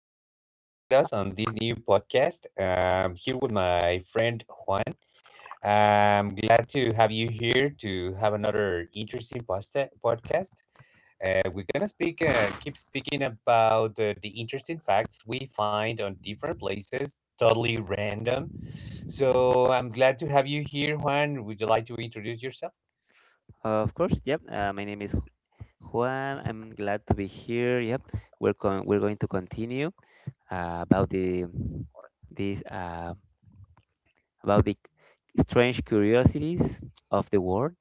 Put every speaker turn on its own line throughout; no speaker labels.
for being here with us on this new podcast. Here with my friend Juan. I'm glad to have you here to have another interesting podcast. We're gonna keep speaking about the interesting facts we find on different places, totally random. So I'm glad to have you here, Juan. Would you like to introduce yourself?
Of course, yep. My name is Juan. I'm glad to be here. Yep, we're going to continue about the this about the strange curiosities of the world.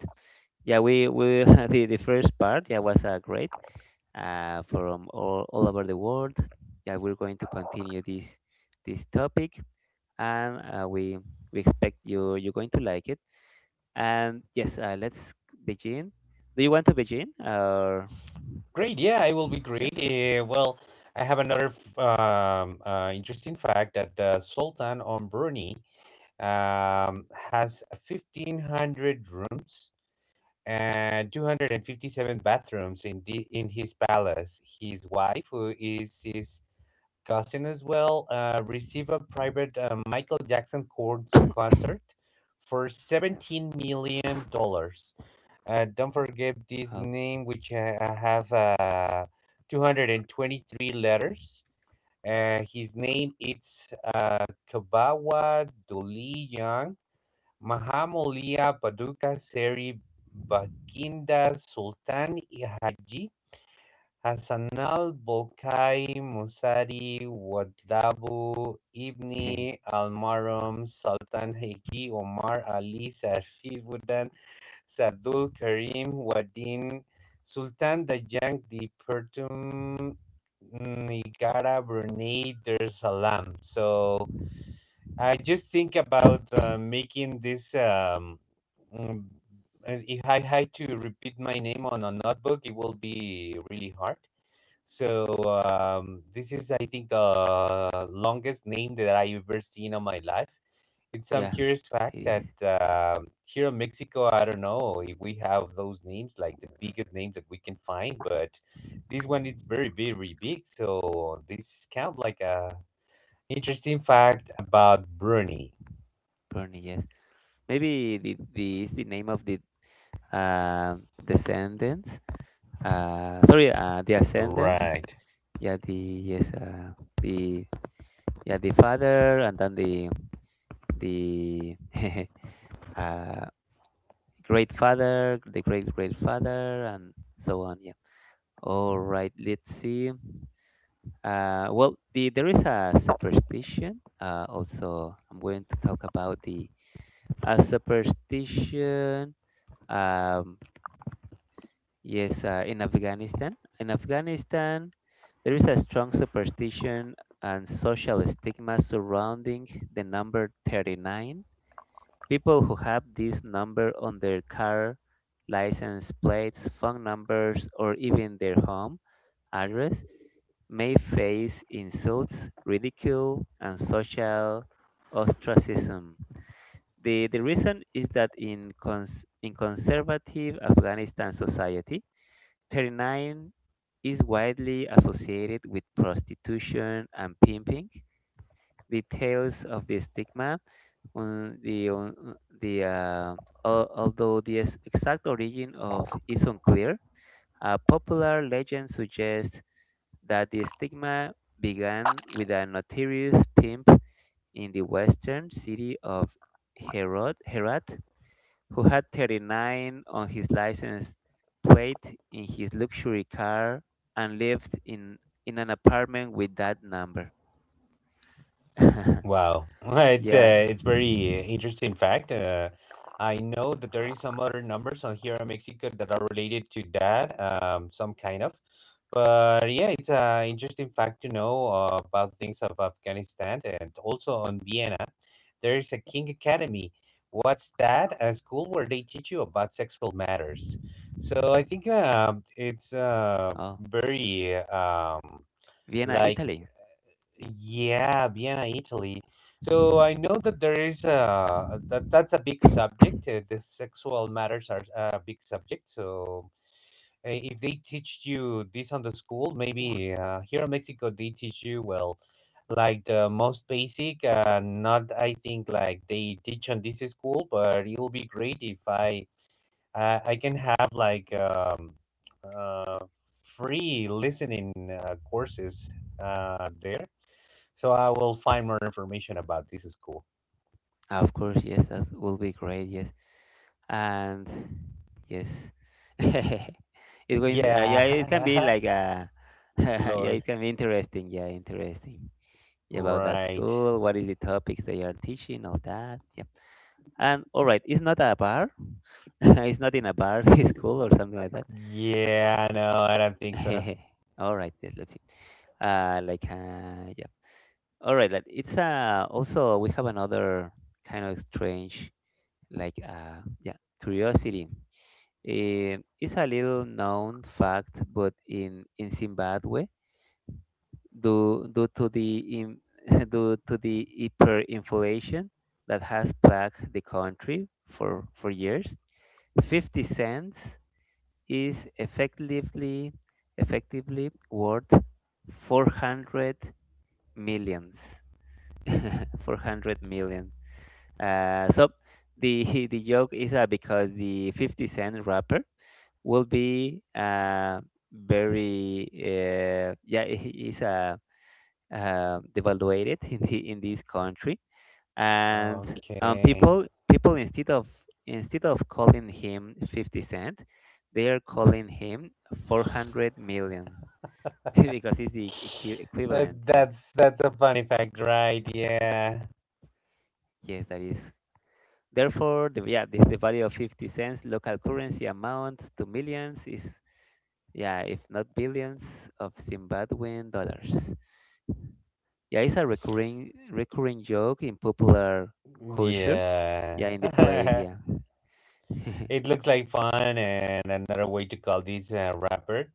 Yeah, we the first part, yeah, was great from all over the world. Yeah, we're going to continue this topic, and we expect you're going to like it. And yes, let's begin. Do you want to begin or?
Great. Yeah, it will be
Yeah.
great. Well, I have another interesting fact that the Sultan on Brunei um, has a 1,500 rooms and 257 bathrooms in his palace. His wife, who is his cousin as well, receive a private Michael Jackson concert for
Yeah.
$17 million. Don't forget this
Oh.
name, which have 223 letters. His name it's Kabawa Duli Young, Mahamulia Paduka Seri Bakinda Sultan Haji Hassanal Bolkai Musari Wadabu İbni Almarhum Sultan Hacı Omar Ali Sarfi Sadul Karim Vadin Sultan Dajang di Pertum Nigara Brunei Dar Salam. So I just think about making this. Mm, and if I had to repeat my name on a notebook, it will be really hard. So this is, I think, the longest name that I ever seen on my life. It's some
yeah.
curious fact
It
that
is
here in Mexico, I don't know if we have those names, like the biggest name that we can find, but this one is very, very big. So this count like a interesting fact about Bruni,
Bernie. Yes. Maybe the is the name of the descendants. Sorry. The ascendants.
right?
Yeah. The Yes. The yeah the father and then the uh great father, the great great father, and so on. Yeah. All right. Let's see. Well, there is a superstition. Also, I'm going to talk about the a superstition. Um, yes, in Afghanistan. In Afghanistan, there is a strong superstition and social stigma surrounding the number 39. People who have this number on their car, license plates, phone numbers, or even their home address may face insults, ridicule, and social ostracism. The reason is that in conservative Afghanistan society, 39 is widely associated with prostitution and pimping. The tales of the stigma, on the, on the, uh, although the exact origin of is unclear. A popular legend suggests that the stigma began with a notorious pimp in the western city of Herat, who had 39 on his license plate in his luxury car and lived in an apartment with that number.
Wow, it's
yeah.
uh, it's very interesting fact. I know that there is some other numbers on here in Mexico that are related to that, some kind of. But yeah, it's an interesting fact to know about things of Afghanistan and also on Vienna. There is a King Academy. What's that? A school where they teach you about sexual matters. So I think it's
Oh,
very
Vienna,
like
Italy.
yeah, Vienna, Italy. So I know that there is a that that's a big subject. The sexual matters are a big subject. So if they teach you this on the school, maybe here in Mexico they teach you well, like the most basic. Not I think like they teach on this school, but it will be great if I can have uh, free listening courses there. So I will find more information about this school.
Of course, yes, that will be great. Yes. And yes. it's going
Yeah.
yeah, it can be like a yeah,
Lol.
it can be interesting. Yeah, interesting. Yeah, about that
Right.
school, what is the topics they are teaching, all that. Yeah. And all right, it's not a bar. It's not in a bar. It's cool or something like that.
Yeah, no, I don't think so.
All right, then, let's see. Like, yeah. All right, like, it's also we have another kind of strange, like, yeah, curiosity. It's a little known fact, but in Zimbabwe, due due to the in, due to the hyperinflation that has plagued the country for years, 50 cents is effectively worth 400 millions, 400 million, so the the joke is, because the 50 cent rapper will be very yeah, he is devaluated in in this country, and um,
Okay.
people people, instead of calling him 50 cent, they are calling him 400 million, because it's the
Uh,
equivalent, yeah.
that's that's a funny fact, right? Yeah.
Yes, that is. Therefore the, the value of 50 cents local currency amount to millions is, yeah, if not billions, of Zimbabwean dollars. Yeah, it's a recurring joke in popular culture,
Yeah.
yeah, in the place, yeah.
It looks like fun and another way to call these rapper.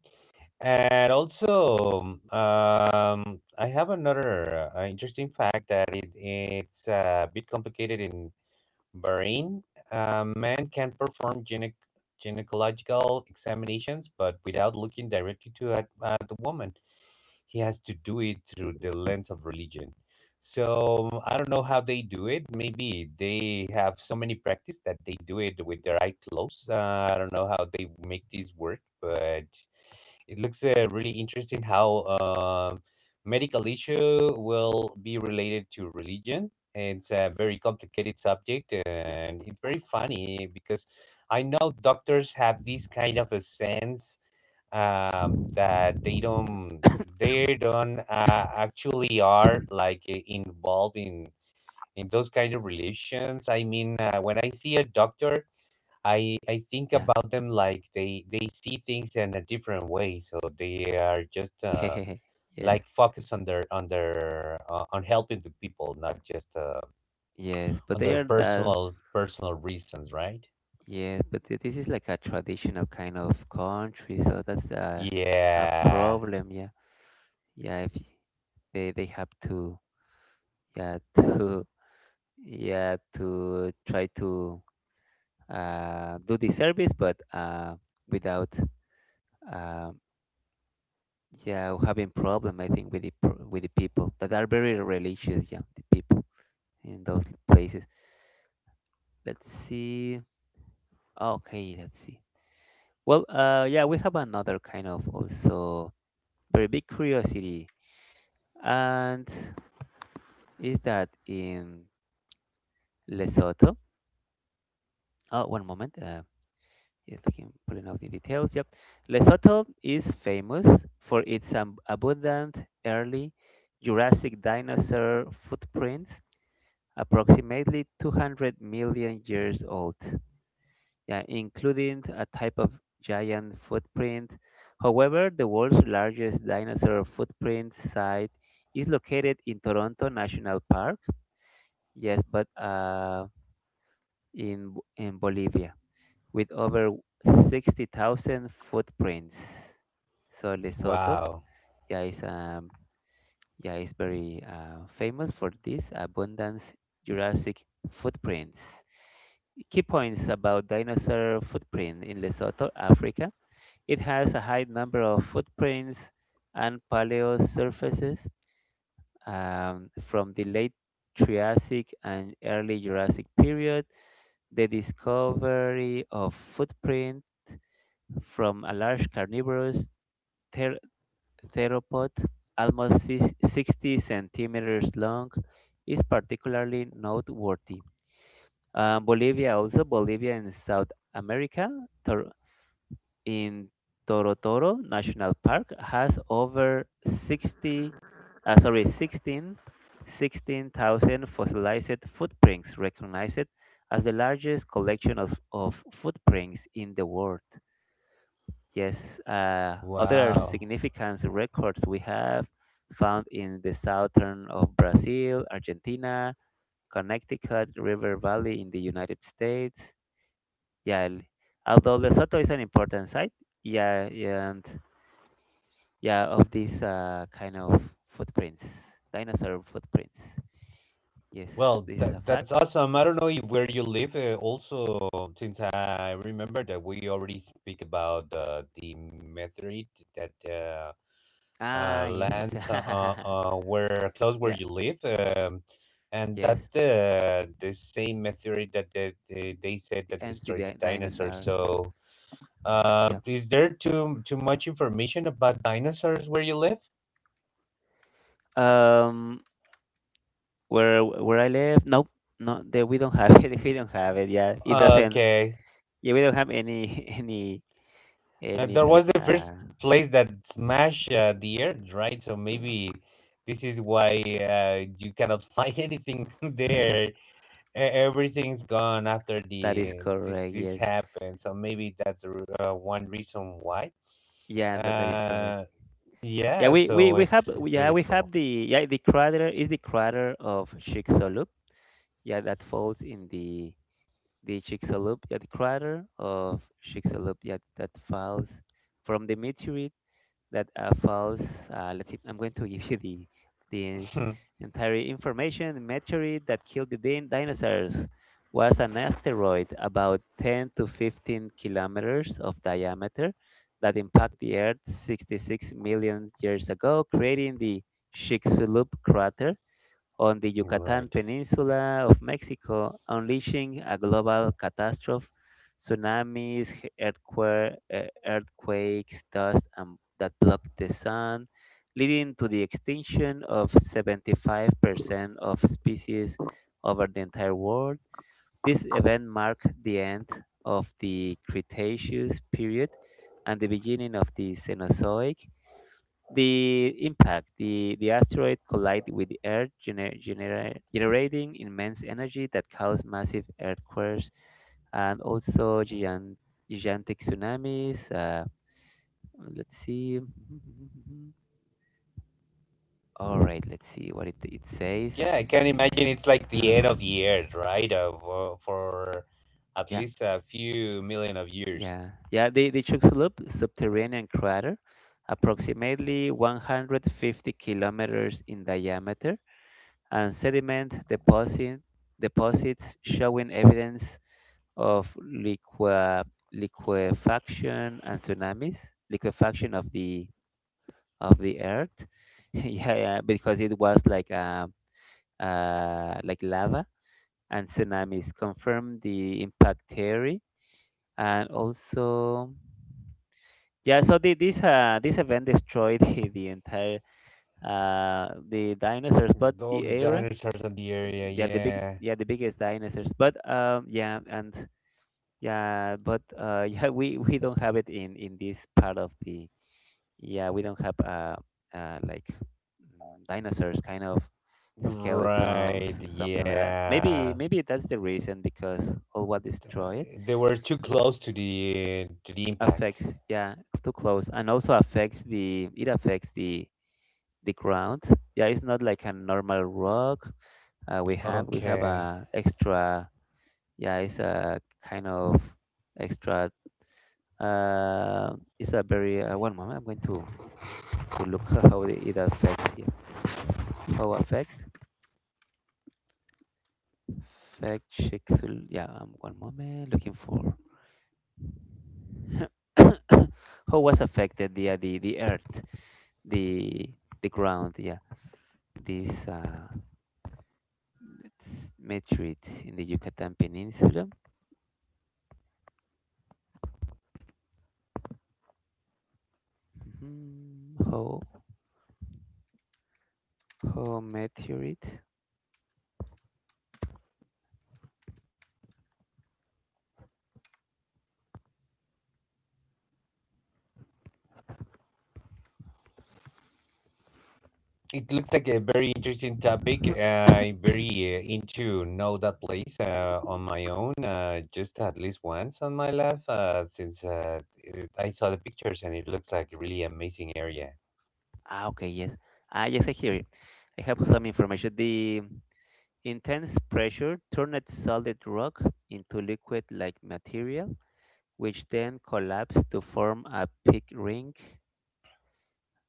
And also, I have another interesting fact that it's a bit complicated in Bahrain. Men can perform gynecological examinations, but without looking directly at the woman he has to do it through the lens of religion. So I don't know how they do it. Maybe they have so many practice that they do it with their eye closed. I don't know how they make this work, but it looks really interesting how medical issue will be related to religion. It's a very complicated subject, and it's very funny because I know doctors have this kind of a sense that they don't actually are like involved in those kind of relations. I mean, when I see a doctor, I think
yeah.
about them like they see things in a different way, so they are just
yes.
like focused on their on helping the people, not just
Yes, but
on
they
their
are that.
personal reasons, right?
Yes, but this is like a traditional kind of country, so that's a
Yeah.
problem. Yeah, yeah. If they have to, yeah, to, yeah, to try to do the service, but without, um yeah, having problem. I think with with the people that are very religious. Yeah, the people in those places. Let's see. Okay, let's see. Well, yeah, we have another kind of also very big curiosity. And is that in Lesotho? Oh, one moment. He's looking, pulling out the details. Yep. Lesotho is famous for its abundant early Jurassic dinosaur footprints, approximately 200 million years old, yeah, including a type of giant footprint. However, the world's largest dinosaur footprint site is located in Toronto National Park. Yes, but in in Bolivia, with over 60,000 footprints. So Lesotho,
Wow.
yeah, is, yeah, is very famous for this abundance Jurassic footprints. Key points about dinosaur footprint in Lesotho, Africa. It has a high number of footprints and paleo surfaces, from the late Triassic and early Jurassic periods. The discovery of footprint from a large carnivorous ther- theropod, almost 60 centimeters long, is particularly noteworthy. Bolivia, also Bolivia in South America, Tor- in Torotoro National Park has over 60, sorry, 16, 16,000 fossilized footprints, recognized as the largest collection of footprints in the world. Yes, other
Wow.
significant records we have found in the southern of Brazil, Argentina, Connecticut River Valley in the United States. Yeah, although Lesotho is an important site, yeah, and, yeah, of these kind of footprints, dinosaur footprints, yes.
Well,
This is
that
a
that's
fact.
awesome. I
Hmm.
don't know if where you live. Also, since I remember that we already speak about the meteorite that
Ah, yes.
lands where close where
yeah,
you live, and
yes.
that's the same meteorite that they said that
And the
destroyed the dinosaurs.
dinosaurs, yeah,
So,
yeah.
is there too much information about dinosaurs where you live?
um where I live, nope. No, there we don't have it. We don't have it, yeah, it doesn't.
Okay.
Yeah, we don't have any, any any
That
like,
was the first place that smashed the earth, right? So maybe this is why you cannot find anything there. Everything's gone after
that
the
is
th-
correct,
this
yes.
happened. So maybe that's one reason why.
Yeah, that is correct.
Uh,
Yeah,
yeah.
we, we,
So
we
it's
have.
it's
Yeah,
really
we
cool.
have the, yeah, the crater. Is the crater of Chicxulub, yeah, that falls in the Chicxulub, yeah, the crater of Chicxulub, yeah, that falls from the meteorite that falls. Let's see, I'm going to give you the entire information. The meteorite that killed the dinosaurs was an asteroid about 10 to 15 kilometers of diameter that impacted the Earth 66 million years ago, creating the Chicxulub crater on the Yucatan
Right.
Peninsula of Mexico, unleashing a global catastrophe: tsunamis, earthquakes, dust, and, that blocked the sun, leading to the extinction of 75% of species over the entire world. This event marked the end of the Cretaceous period and the beginning of the Cenozoic. The impact, the asteroid collided with the Earth, generating immense energy that caused massive earthquakes and also giant, gigantic tsunamis. Let's see. All right, let's see what it says.
Yeah, I can imagine it's like the
Uh-huh.
end of the earth, right? Of for at
Yeah,
least a few million of years.
yeah, yeah. The Chicxulub subterranean crater, approximately 150 kilometers in diameter, and sediment deposits showing evidence of liquefaction and tsunamis, liquefaction of the earth. yeah, yeah, because it was like, like, lava, and tsunamis confirmed the impact theory, and also, yeah, so this this event destroyed the entire, the dinosaurs, but
All
the
the
era,
dinosaurs of the area,
they are the big,
yeah.
yeah, the biggest dinosaurs, but yeah, and, yeah, but yeah, we don't have it in this part of the. Yeah, we don't have, like, dinosaurs kind of skeletons,
Right,
something like that. maybe
yeah.
maybe that's the reason because all what destroyed
They were too close to the impact.
affects, yeah. Too close, and also affects the, it affects the ground, yeah. It's not like a normal rock. We have
Okay.
a extra, yeah, it's a kind of extra, uh, it's a very, one moment, I'm going to look how it affects, yeah, how affect Shiksul, yeah. One moment, looking for how was affected the, the earth, the the ground, yeah. This, meteorite in the Yucatan Peninsula. Mhm. How meteorite.
It looks like a very interesting topic. I'm very into know that place on my own, just at least once on my life, since I saw the pictures and it looks like a really amazing area.
Ah, okay, yes. Ah, yes, I hear it. I have some information. The intense pressure turned solid rock into liquid-like material, which then collapsed to form a big ring.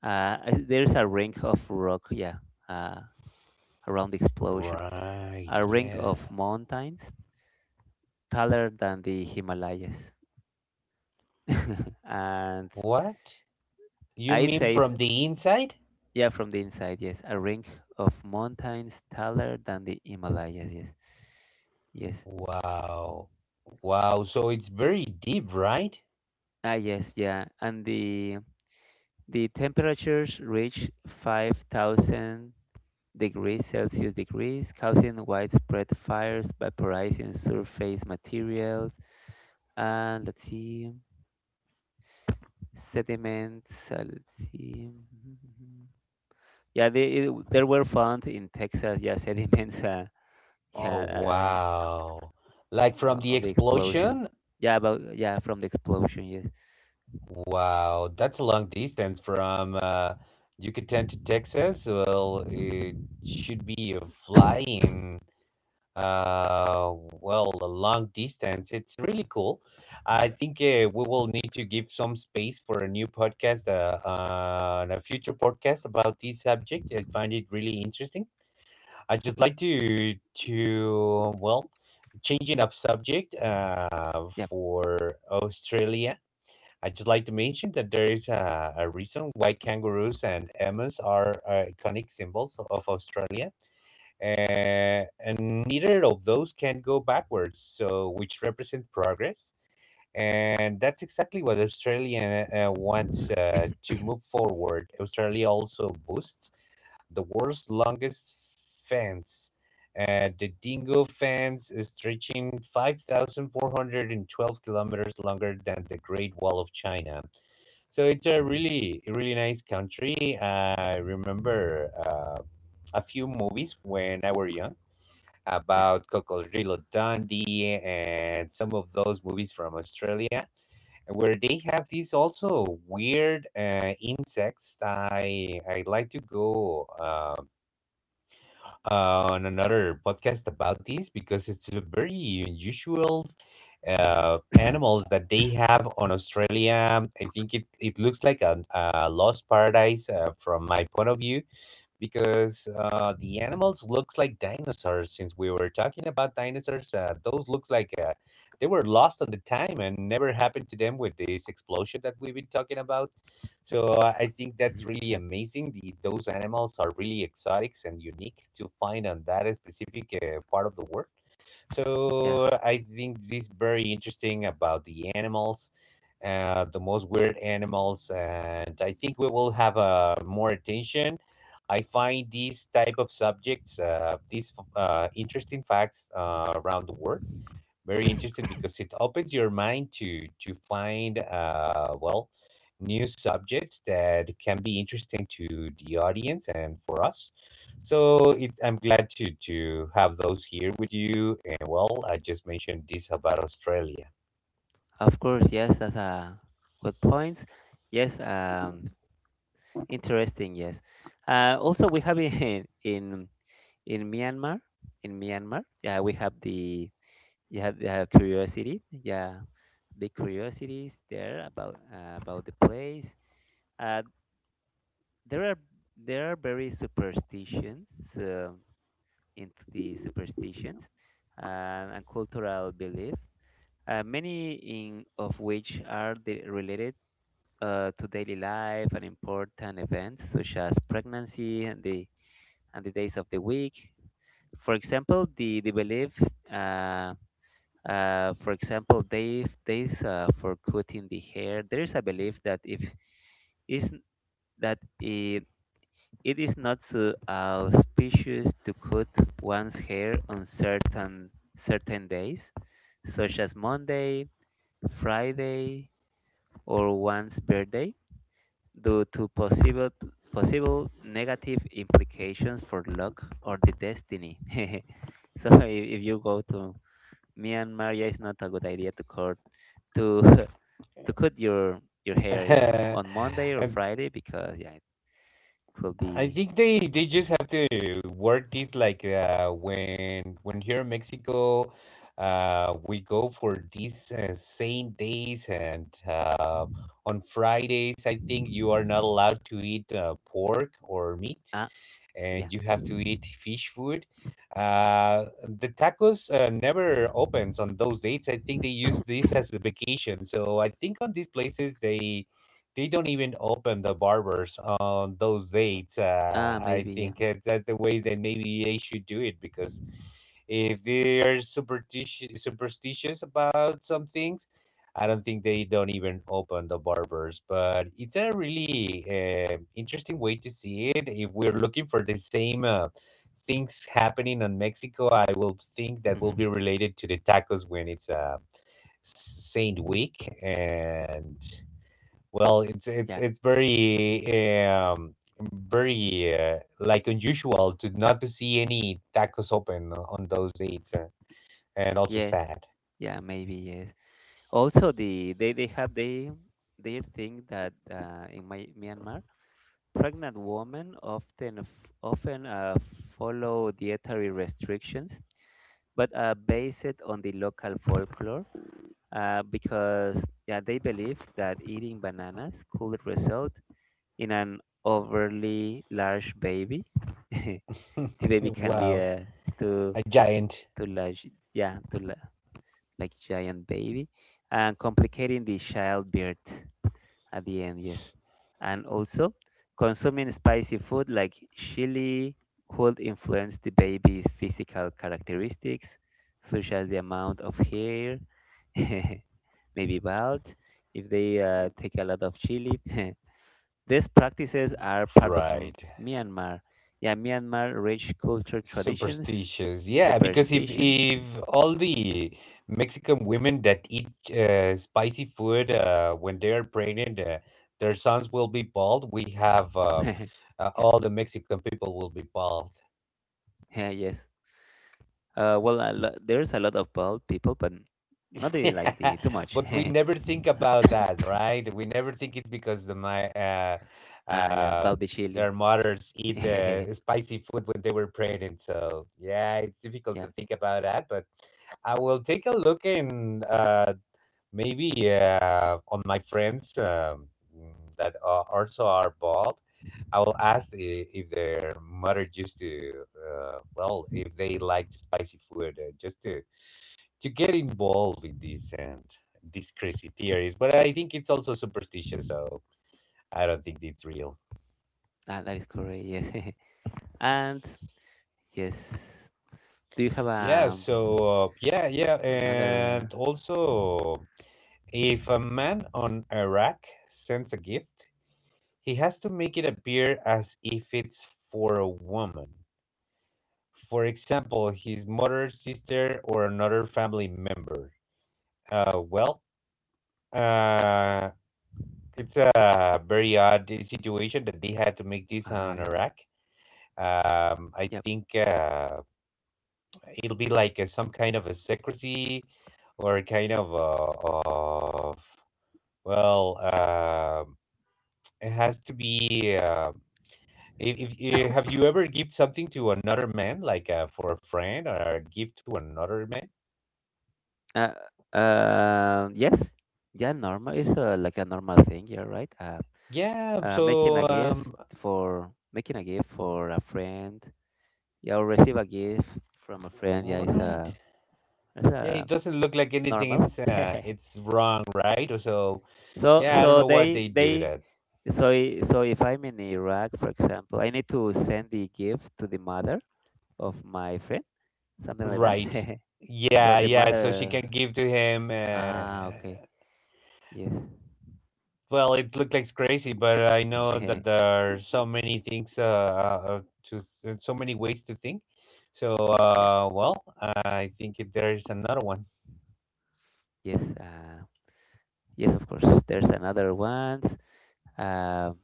There's a ring of rock, yeah, uh, around the explosion.
Right,
A ring
yeah.
of mountains taller than the Himalayas. and
What? You
it
mean
says,
from the inside?
yeah, from the inside, yes, a ring of mountains taller than the Himalayas, yes, yes.
Wow. Wow. So it's very deep, right?
Ah, yes, yeah. And the temperatures reached 5,000 degrees Celsius degrees, causing widespread fires, vaporizing surface materials, and, let's see, sediments. Let's see. Yeah, there were found in Texas. Yeah, sediments.
Oh,
Yeah,
wow. Like from the
of the explosion.
explosion?
Yeah, about, yeah, from the explosion. Yes.
Wow. That's a long distance from Yucatan to Texas. Well, it should be a flying, uh, well, a long distance. It's really cool. I think we will need to give some space for a new podcast, and a future podcast about this subject. I find it really interesting. I just like to well, changing up subject
Yep.
for Australia. I just like to mention that there is a reason why kangaroos and emus are iconic symbols of Australia, and neither of those can go backwards. So, which represent progress, and that's exactly what Australia wants to move forward. Australia also boosts the world's longest fence. The Dingo Fence is stretching 5,412 kilometers longer than the Great Wall of China. So it's a
Mhm.
really, a really nice country. I remember a few movies when I were young
Yeah.
about Cocodrilo Dundee and some of those movies from Australia where they have these also weird insects. I like to go on another podcast about this because it's a very unusual animals that they have on Australia. I think it looks like a lost paradise from my point of view because the animals looks like dinosaurs. Since we were talking about dinosaurs, those looks like they were lost on the time and never happened to them with this explosion that we've been talking about so I think that's
Mhm.
really
Yeah.
amazing. The those animals are really exotics and unique to find on that specific part of the world.
Yeah.
So I think this is very interesting about the animals, the most weird animals, and I think we will have more attention. I find these type of subjects, these interesting facts around the world very interesting because it opens your mind to find well new subjects that can be interesting to the audience and for us. So I'm glad to have those here with you. And well, I just mentioned this about Australia.
Of course. Yes. That's a good point. Yes. Interesting, yes. Also, we have in in Myanmar, in Myanmar, yeah, we have the, yeah, the curiosity, yeah, big curiosities there about, about the place. Uh, there are very superstitions, uh, into the superstitions, and cultural belief, many in of which are related, to daily life and important events such as pregnancy and the days of the week. For example, the beliefs, uh, for example, days days for cutting the hair. There is a belief that if is that it is not so auspicious to cut one's hair on certain days, such as Monday, Friday, or one's birthday, due to possible negative implications for luck or the destiny. So if you go to Myanmar, yeah, it's not a good idea to to cut your hair, yeah, on Monday or
And
Friday because yeah, it could
I
be
think they just have to word this like when here in Mexico, we go for these same days and on Fridays, I think you are not allowed to eat pork or meat,
ah
and
yeah
you have to eat fish food. Uh, the tacos never opens on those dates. I think they use this as a vacation. So I think on these places they don't even open the barbers on those dates.
ah
I
maybe yeah
think that's the way that maybe they should do it because if they are superstitious about some things, I don't think they don't even open the barbers. But it's a really interesting way to see it. If we're looking for the same things happening in Mexico, I will think that will be related to the tacos when it's Saint Week and well, it's it's
yeah
it's very um unusual to not to see any tacos open on those dates, and also
yes
sad.
yeah maybe yes. Also, the they have they their thing that in my Myanmar pregnant women often follow dietary restrictions, but are based on the local folklore, because yeah, they believe that eating bananas could result in an overly large baby. The baby can be
Wow,
a too
a giant.
too large, yeah, like giant baby, and complicating the childbirth. At the end, yes. And also, consuming spicy food like chili could influence the baby's physical characteristics, such as the amount of hair, maybe bald, if they take a lot of chili. These practices are part of
Right.
Myanmar. Yeah, Myanmar rich culture traditions,
Superstitious. Yeah, because if
superstitions.
if
Mhm.
all the Mexican women that eat spicy food when they are pregnant, their sons will be bald. We have
Yeah. Yeah.
all the Mexican people will be bald.
Yeah, yes. Well, there's a lot of bald people, but not they like
Yeah,
the too much.
but we never think about that, right? We never think it's because
Ah, yeah,
uh,
about the chili.
their mothers eat
Yeah,
spicy food when they were pregnant. So yeah, it's difficult to think about that. But I will take a look in maybe on my friends that are also are bald. I will ask if their mother used to well, if they like spicy food, just to get involved in this and these crazy theories. But I think it's also superstitious, so I don't think it's real.
that is correct. Yes, and yes, do you have
Yeah. So yeah, yeah. And
another?
also if a man on Iraq sends a gift, he has to make it appear as if it's for a woman. For example, his mother, sister, or another family member. Uh, well, uh, it's a very odd situation that they had to make this
Uh,
on Iraq. I
yep.
think it'll be like some kind of a secrecy or kind of well, uh, it has to be. If, eh, have you ever gift something to another man, like for a friend, or a gift to another man?
Yes. Yeah, normal is like a normal thing. You're right.
Yeah,
Making
so
a gift for making a gift for a friend. Yeah, or receive a gift from a friend. Yeah, is
right.
a it's
Yeah, it
a
doesn't look like anything.
normal.
It's wrong, right? Or so,
So
yeah, I don't know what they do that.
so if I'm in Iraq, for example, I need to send the gift to the mother of my friend, something like that.
Right.
So
Yeah,
the
yeah. So she
mother,
can give to him.
ah, okay, yes,
Well, it looked like crazy, but I know that there are so many things, uh, to so many ways to think. So,
yeah,
well, I think if there is another one.
yes, yes, of course. There's another one. Um,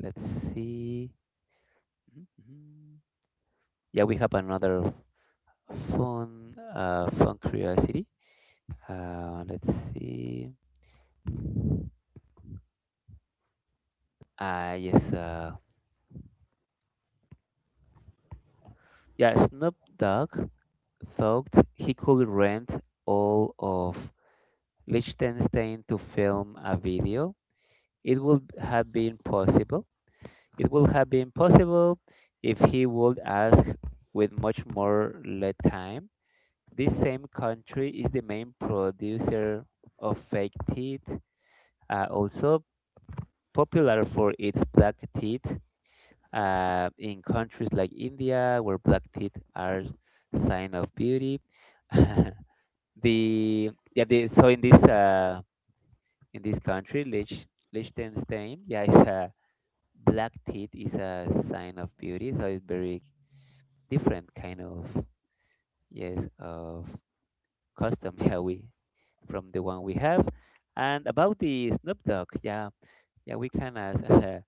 let's see. Mhm. Mhm. Yeah, we have another phone curiosity. Let's see. Ah, yes, yeah, Snoop Dogg thought he could rent all of Liechtenstein to film a video. It would have been possible. It would have been possible if he would ask with much more lead time. This same country is the main producer of fake teeth, also popular for its black teeth in countries like India, where black teeth are sign of beauty. the yeah the so in this country Liechtenstein, yeah, it's a black teeth is a sign of beauty, so it's very different kind of yes of custom. Yeah, we from the one we have. And about the Snoop Dogg, yeah, yeah, we can ask. uh,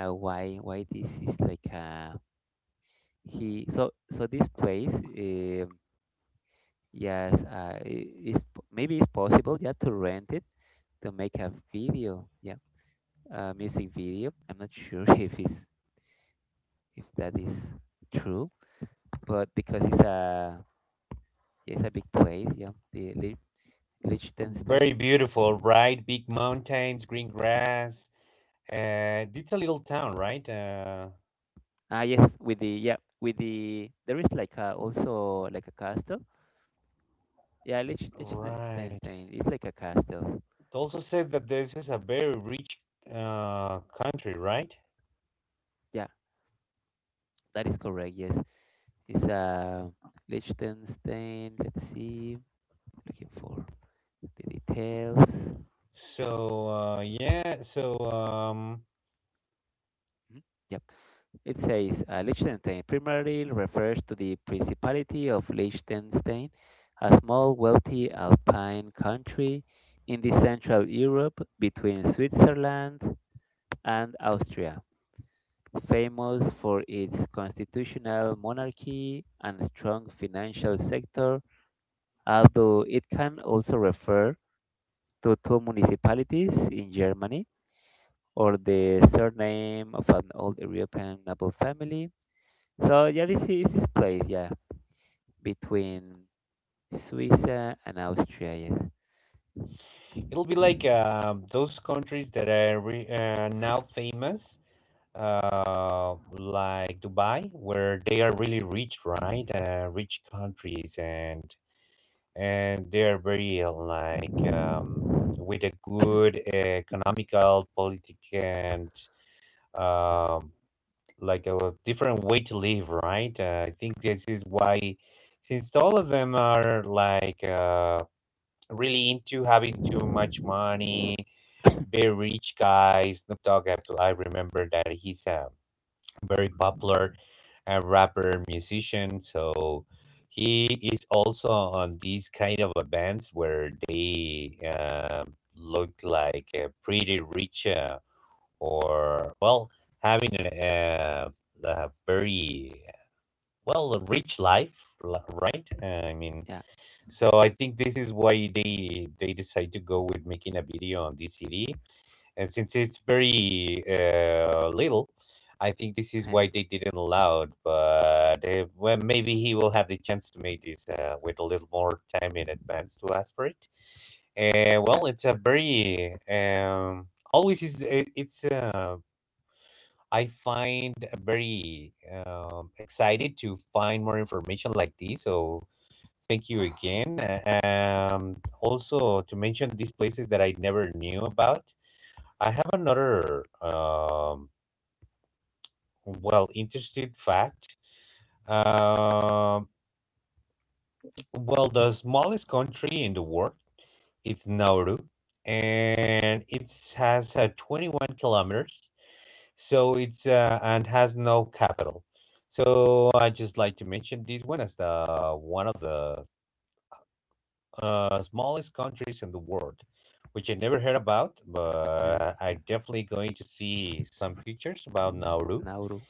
uh, why why this is like he so so this place yes is maybe it's possible, yeah, to rent it to make a video, yeah, music video. I'm not sure if it's, if that is true, but because it's a yeah, it's a big place, yeah, the
Very
Liechtenstein.
beautiful, right? Big mountains, green grass. It's a little town, right?
Ah, yes, with the yeah, with the there is like a, also like a castle. Yeah,
Right.
Liechtenstein is like a castle.
It also said that this is a very rich country, right?
Yeah, that is correct. Yes, it's a Liechtenstein. Let's see, looking for the details. Mhm.
So, yeah. So,
Yep. It says Liechtenstein primarily refers to the Principality of Liechtenstein, a small, wealthy alpine country in the Central Europe between Switzerland and Austria, famous for its constitutional monarchy and strong financial sector, although it can also refer to two municipalities in Germany or the surname of an old European noble family. So yeah, this is this place, yeah. Between Suiza and Austria, yes.
it'll be like those countries that are now famous, like Dubai, where they are really rich, right? Rich countries, and they are very like with a good economical, politic, and um, like a different way to live, right? I think this is why, since all of them are like really into having too much money. Very rich guy, Snoop Dogg. I remember that he's a very popular rapper musician. So he is also on these kind of events where they look like pretty rich, or well, having an a very, well, a rich life, right? I mean,
Yeah.
so I think this is why they decide to go with making a video on this city. And since it's very little, I think this is why they didn't allow it. But well, maybe he will have the chance to make this with a little more time in advance to ask for it.
Yeah.
Well, it's a very always is it's I find very excited to find more information like this. So thank you again. Also, to mention these places that I never knew about. I have another well, interested fact. Um, Well, the smallest country in the world, it's Nauru, and it has 21 kilometers. So it's and has no capital. So I just like to mention this one as the one of the smallest countries in the world, which I never heard about, but I
Yeah.
definitely going to see some pictures about Nauru.
Nauru.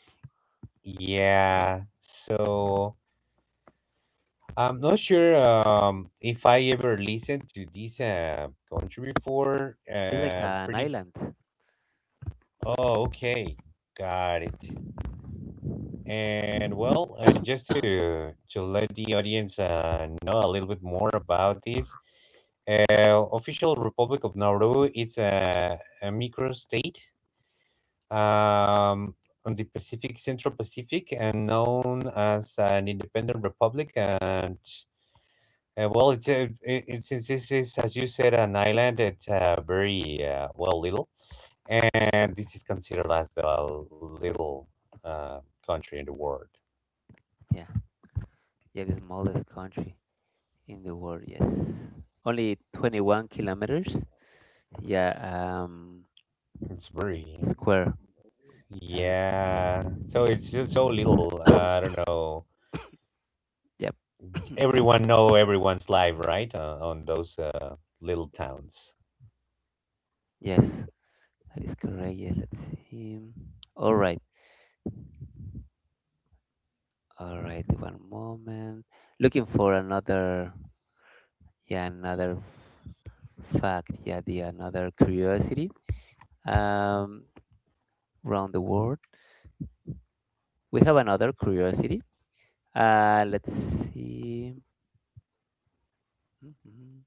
Yeah.
Yeah, so I'm not sure if I ever listened to this country before.
It's like an
Pretty.
island.
Oh, okay, got it. And well, just to let the audience know a little bit more about this, official Republic of Nauru. It's a microstate, um, on the Pacific, Central Pacific, and known as an independent republic. And it's since this is, as you said, an island, it's very well, little, and this is considered as the little uh, country in the world.
Yeah. Yeah, the smallest country in the world, yes. Only 21 kilometers. Yeah, um,
It's very,
square. Yeah.
yeah. So it's just so little. I don't know.
Yep. Sorry.
Everyone know everyone's life, right? On those little towns,
Yes. That is correct. Yeah, let's see. All right. All right. One moment. Looking for another, yeah, another fact, yeah, the another curiosity um, around the world. We have another curiosity. Let's see. Mhm.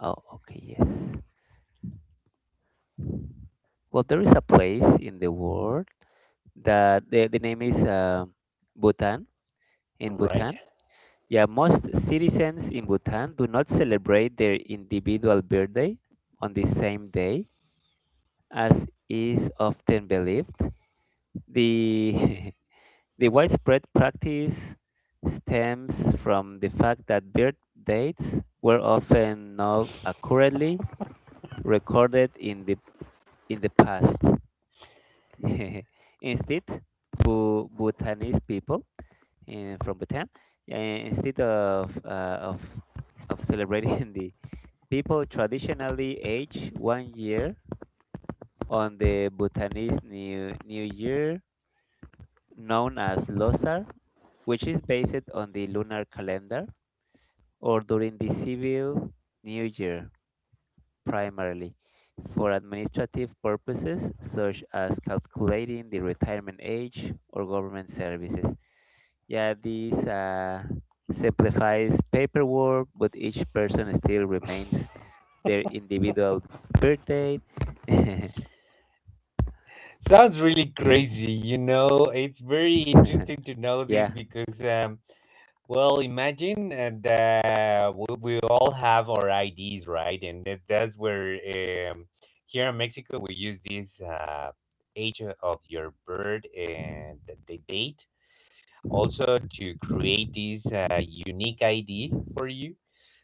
Oh, okay, yes. Well, there is a place in the world that the name is Bhutan. In
right?
Bhutan, yeah, most citizens in Bhutan do not celebrate their individual birthday on the same day, as is often believed. The the widespread practice stems from the fact that birth dates were often not accurately recorded in the past. Instead, Bhutanese people, from Bhutan, uh, instead of celebrating, the people traditionally age one year on the Bhutanese New Year, known as Losar, which is based on the lunar calendar, or during the civil new year, primarily for administrative purposes such as calculating the retirement age or government services. Yeah, this simplifies paperwork, but each person still remains their individual birth date.
Sounds really crazy, you know. It's very interesting to know this
Yeah.
because, well, imagine. And we all have our IDs, right? And that's where here in Mexico we use this age of your birth and the date, also, to create this unique ID for you.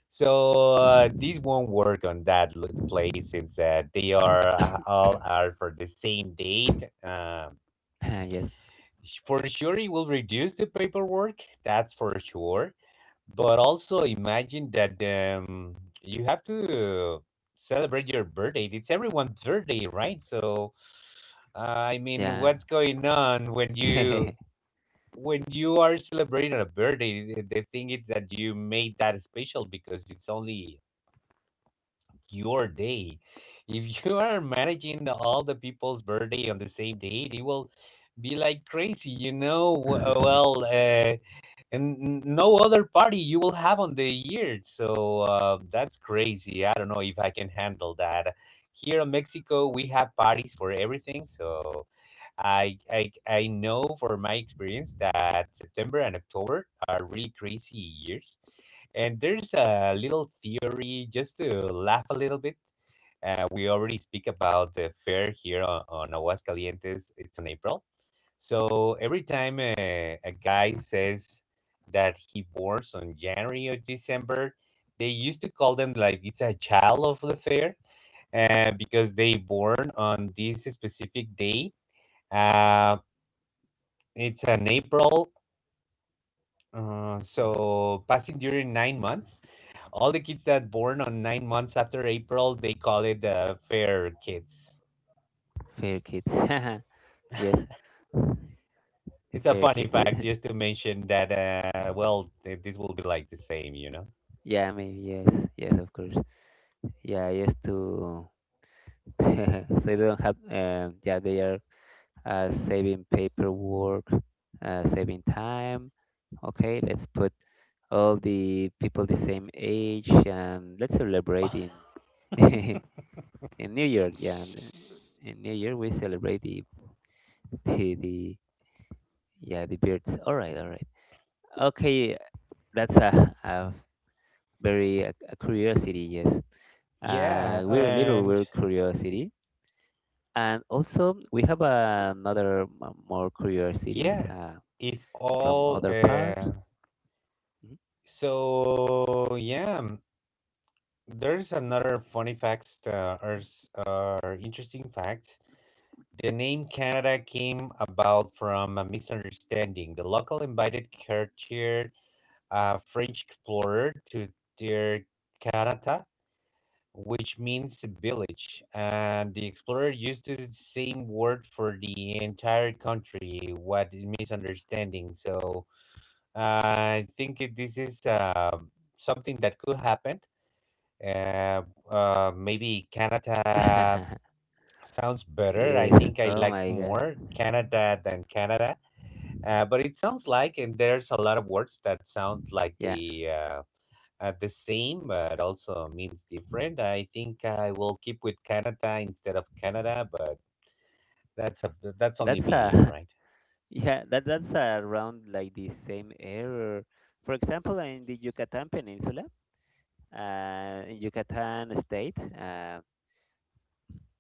So this won't work on that place, since they are all are for the same date.
Yes,
For sure, it will reduce the paperwork. That's for sure. But also imagine that you have to celebrate your birthday. It's everyone's birthday, right? So I mean,
yeah.
what's going on when you when you your day. If you are managing the, all the people's birthday on the same day, it will be like crazy, you know. And no other party you will have on the year. So that's crazy. I don't know if I can handle that. Here in Mexico, we have parties for everything. So I know for my experience that September and October are really crazy years, and there's a little theory just to laugh a little bit. We already speak about the fair here on Aguascalientes. It's on April, so every time a guy says that he borns on January or December, they used to call them like it's a child of the fair, because they born on this specific day, uh, it's in April, so passing during 9 months. All the kids that born on 9 months after April, they call it fair kids.
Fair kids. Yes, the
It's a
fair
funny
kids.
fact just to mention that. Well, this will be like the same, you know.
Yeah, maybe yes, yes, of course. Yeah, yes to so they don't have. Yeah, they are saving paperwork, saving time. Okay, let's put all the people the same age and let's celebrate in in New York. Yeah, in New Year we celebrate the the yeah the birds. All right, all right. Okay, that's a very a curiosity. Yes,
Yeah,
we're a little
and
weird curiosity. And also, we have another more curiosities
yeah, if
from
all
other part. Mhm.
so yeah, there's another funny facts that are are interesting facts. The name Canada came about from a misunderstanding. The local invited Cartier, a French explorer, to their Canada, which means village, and the explorer used the same word for the entire country. What a misunderstanding! So I think this is something that could happen. Uh, maybe Canada sounds better. I
Yes.
think I
Oh
liked
my God.
more Canada than Canada. But it sounds like, and there's a lot of words that sound like
Yeah.
the same, but also means different. I think I will keep with Canada instead of Canada, but that's a that's only
That's
me,
a
right?
yeah. That's around like the same error. For example, in the Yucatan Peninsula, in Yucatan state,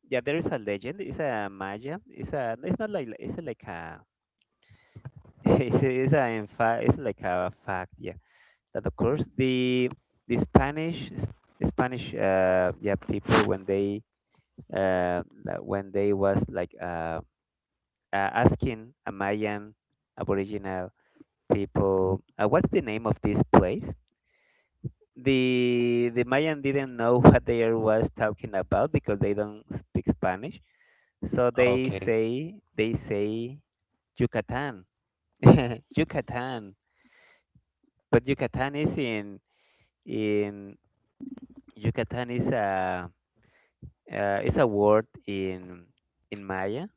yeah, there is a legend. It's a Maya. It's a. It's not like it's like a. It's a in fact. It's like a fact. Yeah. That of course the the Spanish Spanish yeah people when they like, when they was like asking a Mayan aboriginal people, what's the name of this place, the Mayan didn't know what they are was talking about because they don't speak Spanish, so they
Okay,
say they say Yucatan. Yucatan, but Yucatan is in Yucatan is a uh, it's a word in Maya.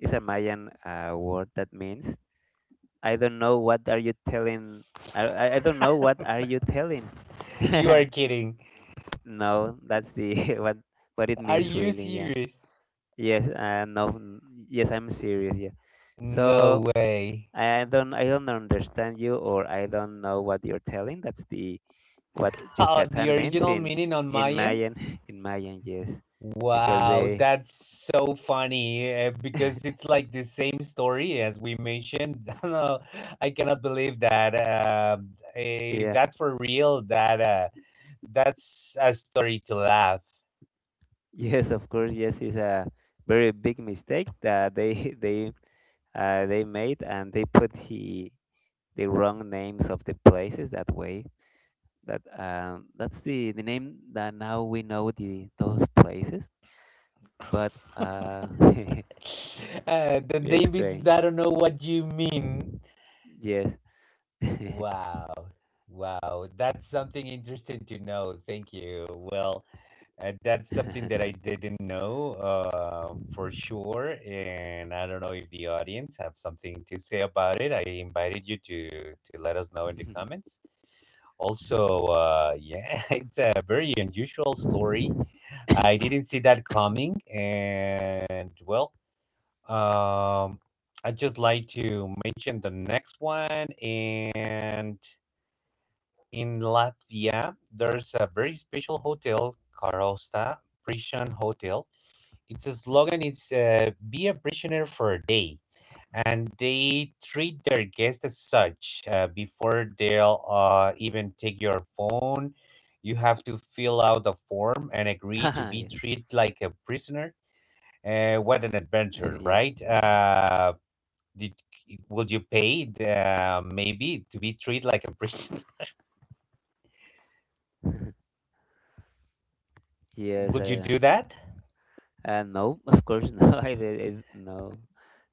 It's a Mayan word that means I don't know what are you telling. I don't know what are you telling.
you are kidding.
No, that's the what it
Are
means
you
really. Yeah.
serious?
Yes. No. n- Yes, I'm serious. Yeah.
No
So
way.
I don't understand you or I don't know what you're telling. That's the what
Oh, the
Yucatan means
original
in
meaning on my
in
end?
Mayan In Mayan. Yes, because
Wow,
they
that's so funny because it's like the same story as we mentioned. no, I cannot believe that.
yeah.
That's for real. That's a story to laugh.
Yes, of course. Yes, it's a very big mistake that they they made, and they put the wrong names of the places that way. That that's the name that now we know the those places. But
uh,
very
the name, it's I
strange.
don't know what you mean.
Yes.
Wow. Wow. That's something interesting to know. Thank you. Well, that's something that I didn't know for sure. And I don't know if the audience have something to say about it. I invited you to let us know in the comments. Also, yeah, it's a very unusual story. I didn't see that coming. And well, um, I'd just like to mention the next one. And in Latvia, there's a very special hotel, Karosta Prison Hotel. Its slogan is "Be a prisoner for a day," and they treat their guests as such. Before they'll even take your phone, you have to fill out a form and agree to
Ah,
be
yeah.
treated like a prisoner. What an adventure,
Yeah.
right? Did Would you pay maybe to be treated like a prisoner?
Yes.
would you do that?
No, of course, no. No.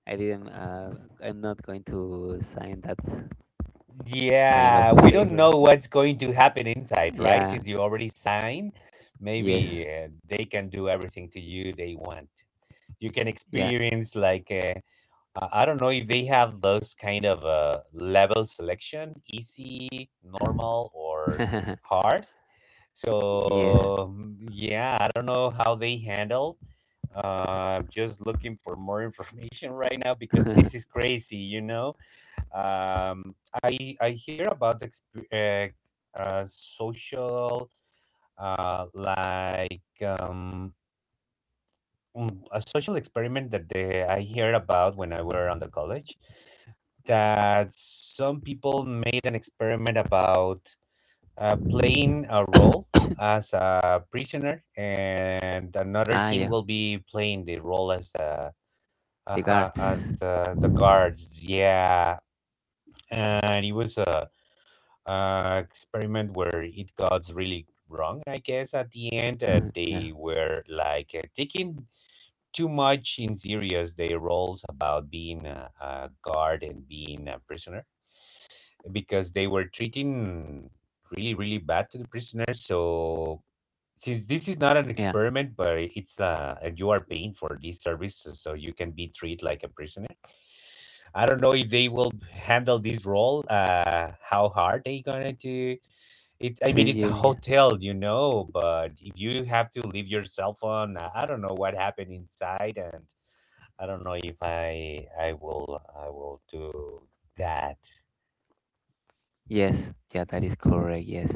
I didn't. I'm not going to sign that kind of
Yeah, we don't
paper.
know what's going to happen inside, right?
Yeah.
Since you already signed,
Yes.
maybe they can do everything to you they want. You can
Yeah.
experience like I don't know if they have those kind of level selection, easy, normal, or hard.
Yes.
So mm, yeah, I don't know how they handle. I'm just looking for more information right now because this is crazy, you know. I hear about social like a social experiment that I heard about when I were on the college, that some people made an experiment about playing a role as a prisoner, and another
Ah,
team
yeah.
will be playing the role as the
The guards.
as the guards. Yeah, and it was a experiment where it got really wrong. I guess at the end
Yeah.
they were like taking too much in serious their roles about being a guard and being a prisoner, because they were treating really, really bad to the prisoners. So since this is not an
Yeah.
experiment, but it's and you are paying for this service, so, so you can be treated like a prisoner. I don't know if they will handle this role. How hard they gonna do it? I
Treat
mean, it's a
you. Yeah.
hotel, you know, but if you have to leave your cell phone, I don't know what happened inside, and I don't know if I will I will do that.
Yes. Yeah. That is correct. Yes.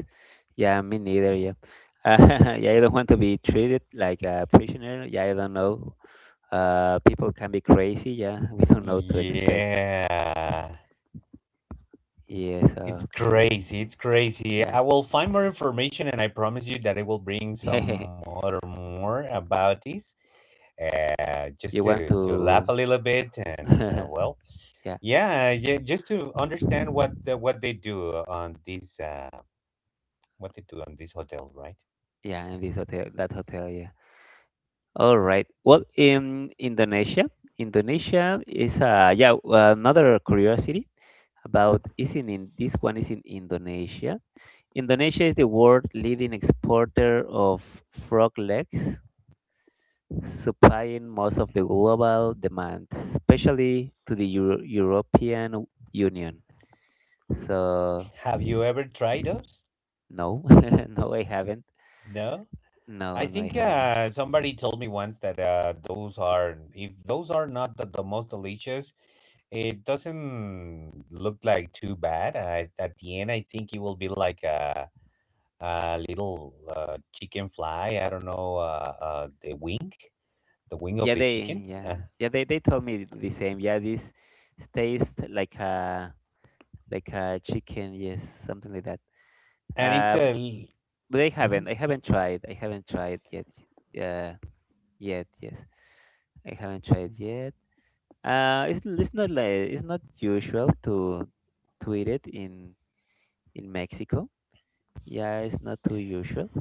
Yeah. Me neither. Yeah. Yeah. I don't want to be treated like a prisoner. Yeah. I don't know. People can be crazy. Yeah. We don't know what to expect.
Yeah.
Yes.
It's
Okay.
crazy. It's crazy.
Yeah.
I will find more information and I promise you that I will bring
Yeah.
some other more about this. Just
You want
to laugh a
to.
little bit and well,
Yeah,
yeah, yeah, just to understand what they do on this hotel, right?
yeah, and this hotel, that hotel, yeah. All right. Well, in Indonesia, Indonesia is yeah well, another curiosity about is in this one is in Indonesia. Indonesia is the world leading exporter of frog legs, supplying most of the global demand, especially to the European Union. So
Have you ever tried those?
no, no, I haven't.
No? I
No, no, I
think
haven't.
somebody told me once that those are, if those are not the most delicious, it doesn't look like too bad. At the end, I think it will be like a little chicken fly. I don't know the wing of
Yeah,
the chicken,
they
uh,
yeah yeah they they told me the same. Yeah, this tastes like a chicken. Yes, something like that.
and it's
Uh,
a.
but I
Mhm.
haven't I haven't tried. I haven't tried yet. Yeah, yet yes. I haven't tried yet. It's not like it's not usual to eat it in Mexico. Yeah, it's not too usual.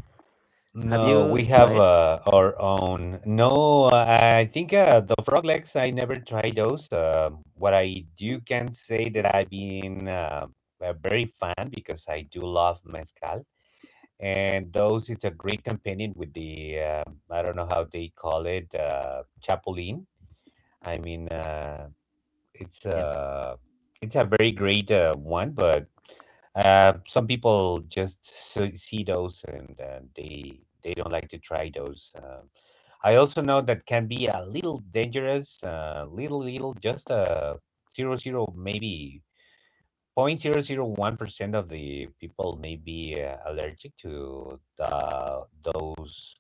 Have
No, we
you
have
tried?
our own. No, I think the frog legs, I never tried those. What I do can say that I've been a very fan because I do love mezcal. And those, it's a great companion with I don't know how they call it, chapulín. I mean, it's
Yeah,
a it's a very great one, but some people just see those and they don't like to try those. I also know that can be a little dangerous, just a zero zero maybe point 0.001% of the people may be allergic to the those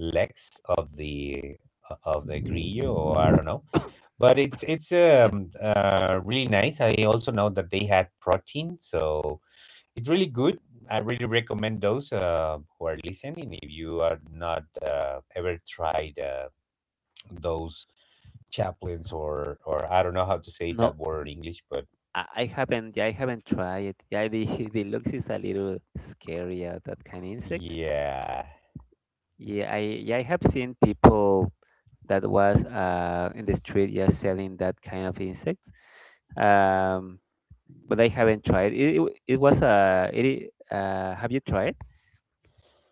legs of the of the grillo or I don't know, but it's it's
yeah.
um uh really nice. I also know that they had protein, so it's really good. I really recommend those who are listening. If you are not ever tried those chaplains, or I don't know how to say that
No,
word in English, but
I haven't, yeah, I haven't tried it. Yeah, the the looks is a little scary, that kind of insect.
yeah,
Yeah I have seen people that was in the street yeah selling that kind of insect. Um, but I haven't tried it. It, it was a it have you tried?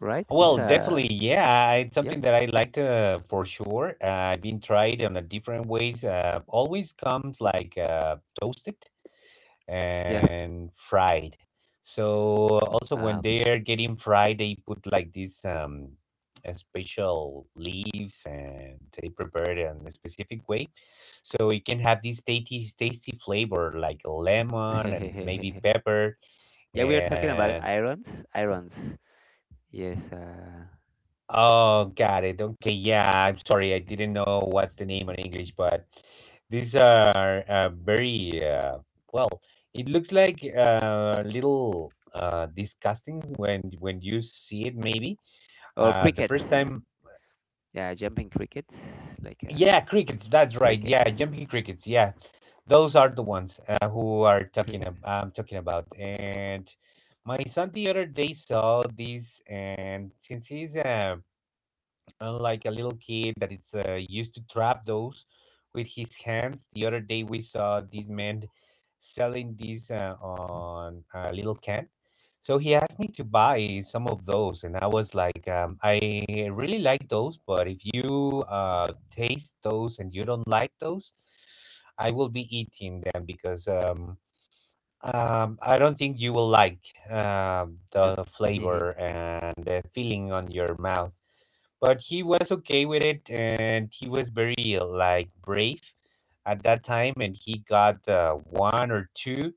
Right? It's
well, definitely,
a
yeah, it's
yep
something that I liked, for sure. I've been tried on a different ways. Always comes like toasted
yeah
and fried. So also
ah
when
okay.
they are getting fried, they put like these special leaves, and they prepare it in a specific way, so it can have this tasty tasty flavor like lemon and maybe pepper,
Yeah, we are talking about
and
irons. Yes
Oh, got it. Okay, yeah, I'm sorry. I didn't know what's the name in English, but these are very well, it looks like little disgusting when you see it, maybe.
or
The
crickets.
first time,
Yeah, jumping crickets like
yeah, crickets, that's right.
crickets.
Yeah, jumping crickets. Yeah. Those are the ones who are talking
Cricket.
ab I'm talking about. And my son, the other day, saw this, and since he's a, unlike a little kid that is used to trap those with his hands. The other day we saw this man selling these on a little can. So he asked me to buy some of those, and I was like, I really like those, but if you taste those and you don't like those, I will be eating them, because I don't think you will like
Yep.
the flavor and the feeling on your mouth, but he was okay with it, and he was very like brave at that time, and he got one or two,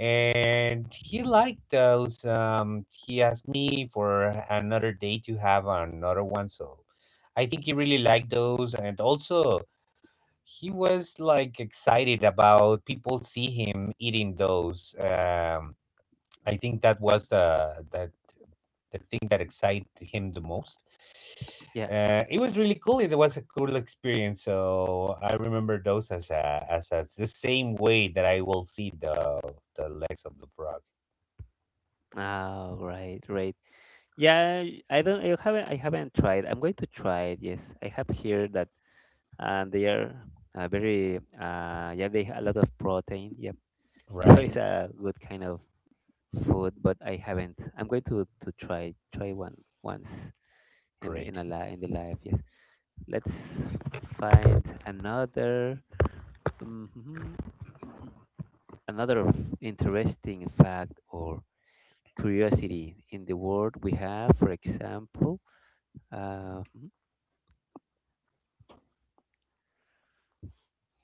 and he liked those. He asked me for another day to have another one, so I think he really liked those, and also he was like excited about people see him eating those. I think that was the the thing that excited him the most.
Yeah.
It was really cool. It was a cool experience. So I remember those as as the same way that I will see the legs of the frog.
Oh, right, right. Yeah, I don't. I haven't. I haven't tried. I'm going to try it. Yes, I have heard that they are very. Yeah, they have a lot of protein. Yep. So
Right.
it's a good kind of food, but I haven't. I'm going to to try one once in the
Great.
in the life. Yes. Let's find another. Mhm. Another interesting fact or curiosity in the world we have, for example. Mhm,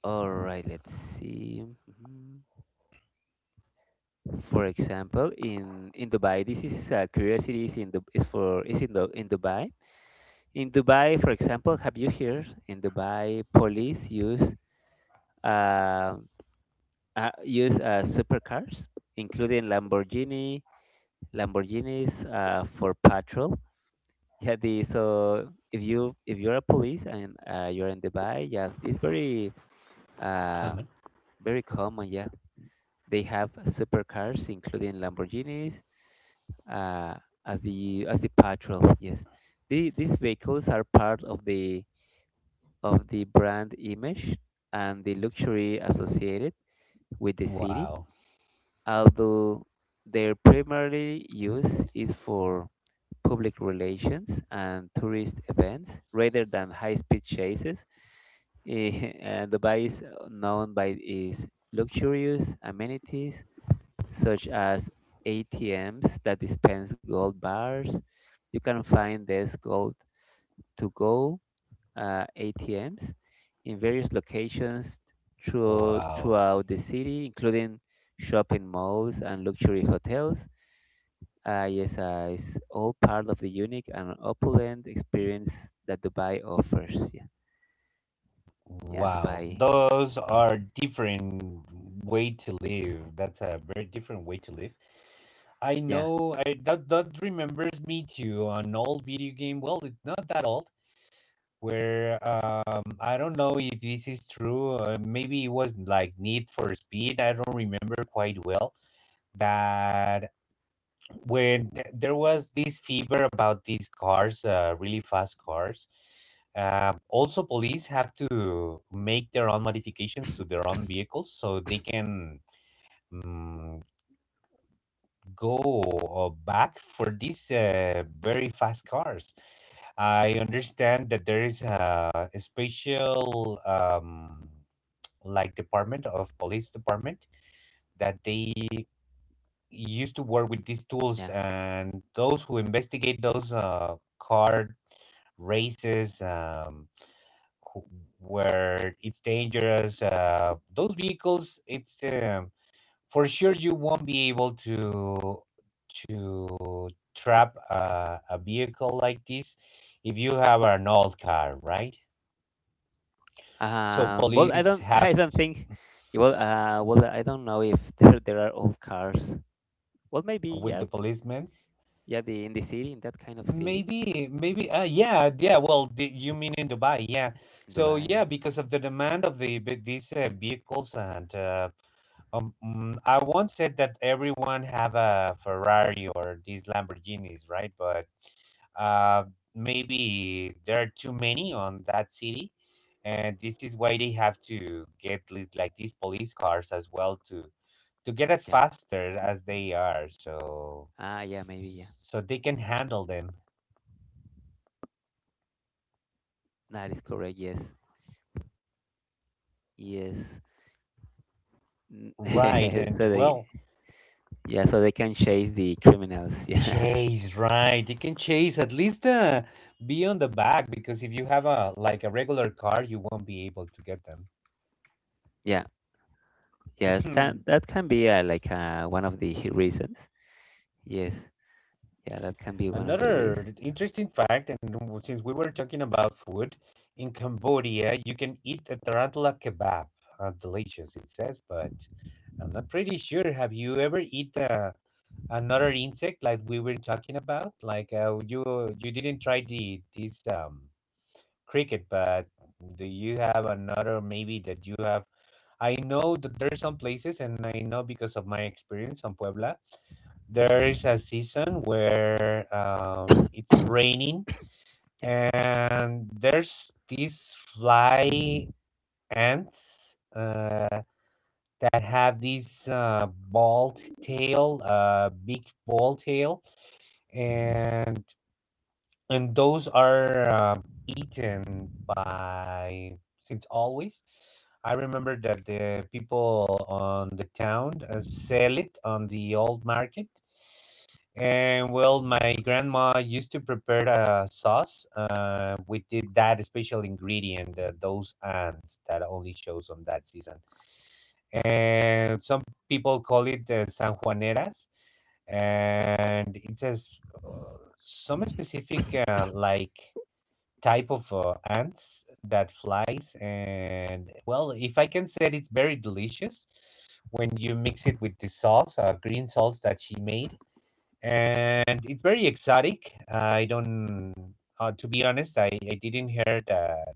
all right, let's see. Mhm. For example, in Dubai, this is curiosity is in the is for is in the in Dubai. In Dubai, for example, have you heard in Dubai police use uh, supercars, including Lamborghinis for patrol. Yeah, the so if you're a police and you're in Dubai, yeah, it's very Uh,
Common.
very common, yeah. They have supercars, including Lamborghinis, uh, as the patrol. Yes, these vehicles are part of the brand image and the luxury associated with the city,
Wow.
although their primary use is for public relations and tourist events rather than high-speed chases. Dubai is known by its luxurious amenities such as ATMs that dispense gold bars. You can find these gold to go ATMs in various locations
Wow.
throughout the city, including shopping malls and luxury hotels. Yes, it's all part of the unique and opulent experience that Dubai offers. Yeah, yeah,
Wow.
Dubai.
Those are different way to live. That's a very different way to live. I
Yeah,
know, I that that remembers me to an old video game. Well, it's not that old, where I don't know if this is true. Maybe it was like Need for Speed. I don't remember quite well that when there was this fever about these cars, really fast cars. Also, police have to make their own modifications to their own vehicles so they can. Mm, Go back for these very fast cars. I understand that there is a special, like, department of police department that they used to work with these tools,
yeah.
and those who investigate those car races, who- where it's dangerous, those vehicles. It's for sure you won't be able to trap a vehicle like this if you have an old car, right? So
Well, I
police
don't,
have
I don't think. Well, well, I don't know if there are old cars. Well, maybe
with
yeah,
the policemen.
yeah. The in the city, in that kind of city,
Maybe, maybe, yeah, yeah. Well, you mean in Dubai, yeah.
in
So yeah,
Dubai.
because of the demand of these vehicles, and I once said that everyone have a Ferrari or these Lamborghinis, right? But uh, maybe there are too many on that city, and this is why they have to get like these police cars as well, to get as
Yeah.
faster as they are, so
Ah, yeah, maybe yeah.
they can handle them.
That is correct. Yes, yes.
Right,
N-
and
so they,
well,
yeah, so they can chase the criminals. Yeah,
chase, right. You can chase at least, be on the back, because if you have a like a regular car, you won't be able to get
yeah, yeah. It can
them.
that can be like one of the reasons? Yes, yeah, that can be one of the
Another
reasons.
interesting fact, and since we were talking about food, in Cambodia you can eat a tarantula kebab. Delicious, it says, but I'm not pretty sure. Have you ever eat another insect, like we were talking about? Like, you didn't try the this cricket, but do you have another maybe that you have? I know that there's some places, and I know because of my experience on Puebla, there is a season where it's raining,
Yeah,
and there's these fly ants that have this bald tail, big bald tail, and those are eaten by, since always, I remember that the people on the town sell it on the old market, and well, my grandma used to prepare a sauce with that special ingredient, those ants that only shows on that season, and some people call it san juaneras, and it says uh, some specific, like, type of ants that flies. And well, if I can say it, it's very delicious when you mix it with the sauce, green sauce that she made, and it's very exotic. I don't To be honest, I didn't hear that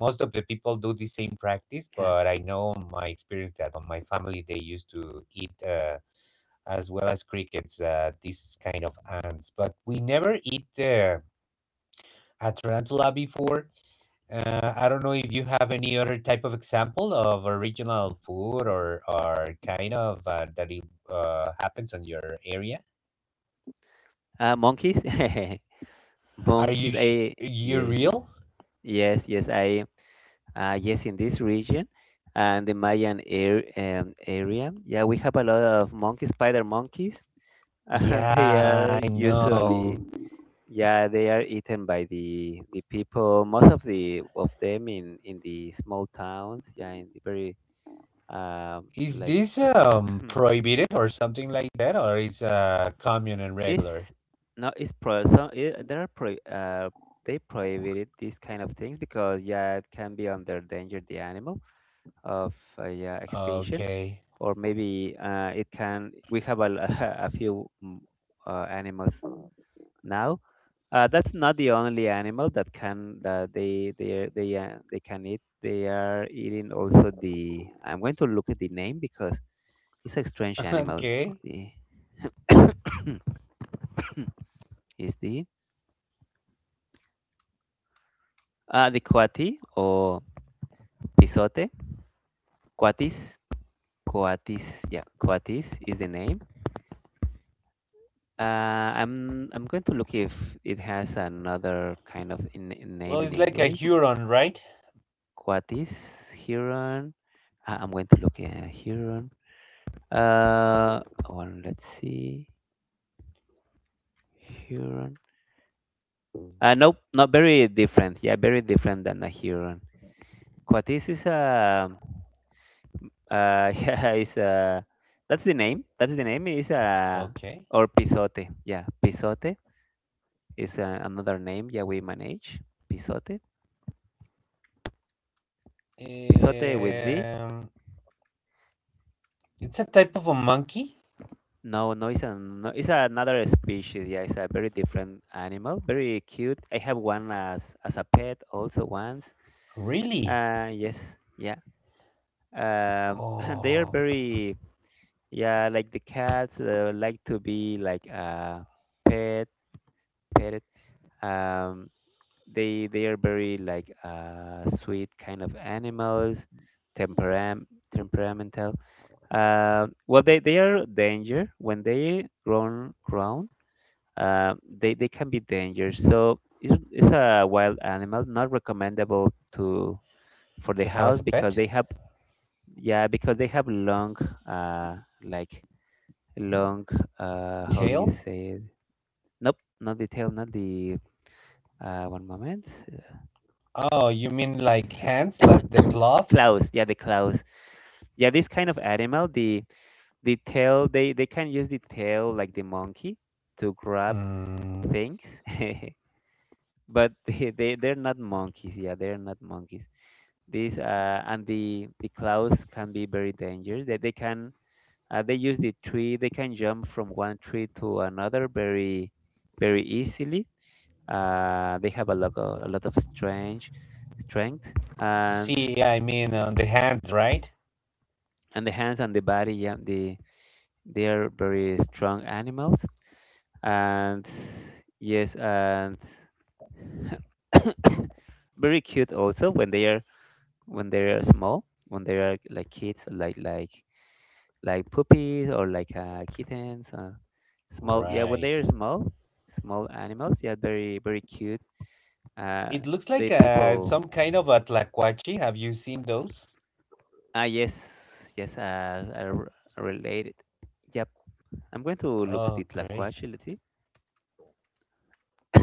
most of the people do the same practice,
yeah.
but I know my experience that on my family they used to eat, as well as crickets, these kind of ants, but we never eat the a tarantula before. I don't know if you have any other type of example of original food, or kind of, that it, happens on your area.
Monkeys,
Are
monkeys.
you
I
you
Yes.
real?
Yes, yes, I yes in this region and the Mayan area. Yeah, we have a lot of monkeys, spider monkeys. They
Yeah,
are
I
usually
know.
yeah they are eaten by the people. Most of them in the small towns. Yeah, in the very um
Is
like
this prohibited or something like that, or is common and
it's
regular?
no it's pro so it, there are pro they prohibited these kind of things because yeah it can be under danger the animal of yeah extinction
Okay,
or maybe it can we have a, a few animals now that's not the only animal that can that they can eat they are eating also the I'm going to look at the name because it's a strange animal
okay.
is the is the coati or pisote coatis coatis yeah coatis is the name. I'm going to look if it has another kind of
Well,
name in
it's like a
English.
Huron, right?
Coatis, Huron. I'm going to look at Huron. Uh, one, let's see. Huron. Nope, not very different. Yeah, very different than a Huron. Coatis is a, yeah, is a, that's the name. That's the name. Is a,
Okay.
or Pisote. Yeah, Pisote is another name. Yeah, we manage Pisote. Pisote with Z.
Um, it's a type of a monkey.
No, no, no, it's another species. Yeah, it's a very different animal, very cute. I have one as a pet also once.
Really?
Yes, yeah. Um, they are
Oh,
very yeah, like the cats like to be like pet petted. Um, they are very like sweet kind of animals, temperam temperamental. Well, they are danger when they grown. uh, they can be dangerous. So it's a wild animal, not recommendable to for the
to have
house
as a
because
pet?
they have yeah because they have long uh like long how do you
Tail?
say it? Nope, not the tail, not the one moment.
Oh, you mean like hands, like the gloves?
Claws, yeah, the claws. Yeah, this kind of animal, the tail, they can use the tail like the monkey to grab
Mm,
things. But they're not monkeys, yeah, they're not monkeys. These and the clouds can be very dangerous. That they can they use the tree. They can jump from one tree to another very very easily. They have a lot of strange strength and
See, yeah, I mean, the hands, right?
and the hands and the body. Yeah, the they are very strong animals. And yes, and very cute also when they are small when they are like kids like puppies or like kittens, small. Yeah, when they
Right.
are small, small animals. Yeah, very very cute. Uh,
It looks
the
like,
people.
some kind of a tlacuache. Have you seen those?
Ah, yes, yes. Related. Yep. I'm going to look at
Oh,
it
great.
tlacuache. Let's see.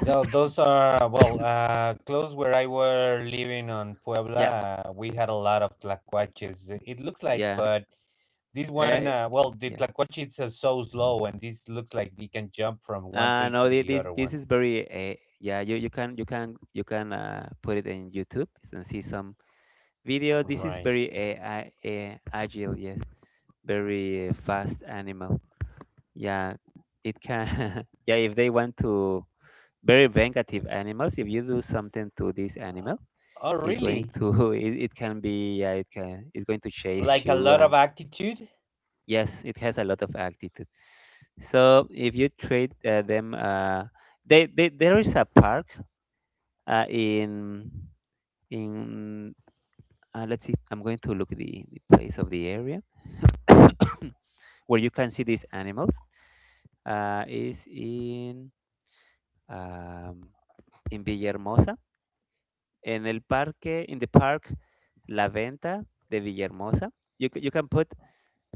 Those are, well, close where I were living on
Yeah,
Puebla, we had a lot of tlacuaches. It looks like,
yeah,
but this one,
uh,
well, the
yeah.
Tlacuache is, so slow, and this looks like they can jump from one tree
No,
to the
this
other
this
one.
is very. Yeah, you can put it in YouTube and see some video. This is
Right.
very agile. Yes. Very fast animal. Yeah, it can. Yeah, if they want to very vengative animals, if you do something to this animal,
Oh,
it's going
really?
to it can be yeah it can it's going to chase
Like a
you
lot of
and
altitude?
yes, it has a lot of attitude. So if you trade them, they there is a park uh, in in let's see, I'm going to look the place of the area where you can see these animals. Is um, in Villahermosa, en el parque, in the park La Venta de Villahermosa. You can put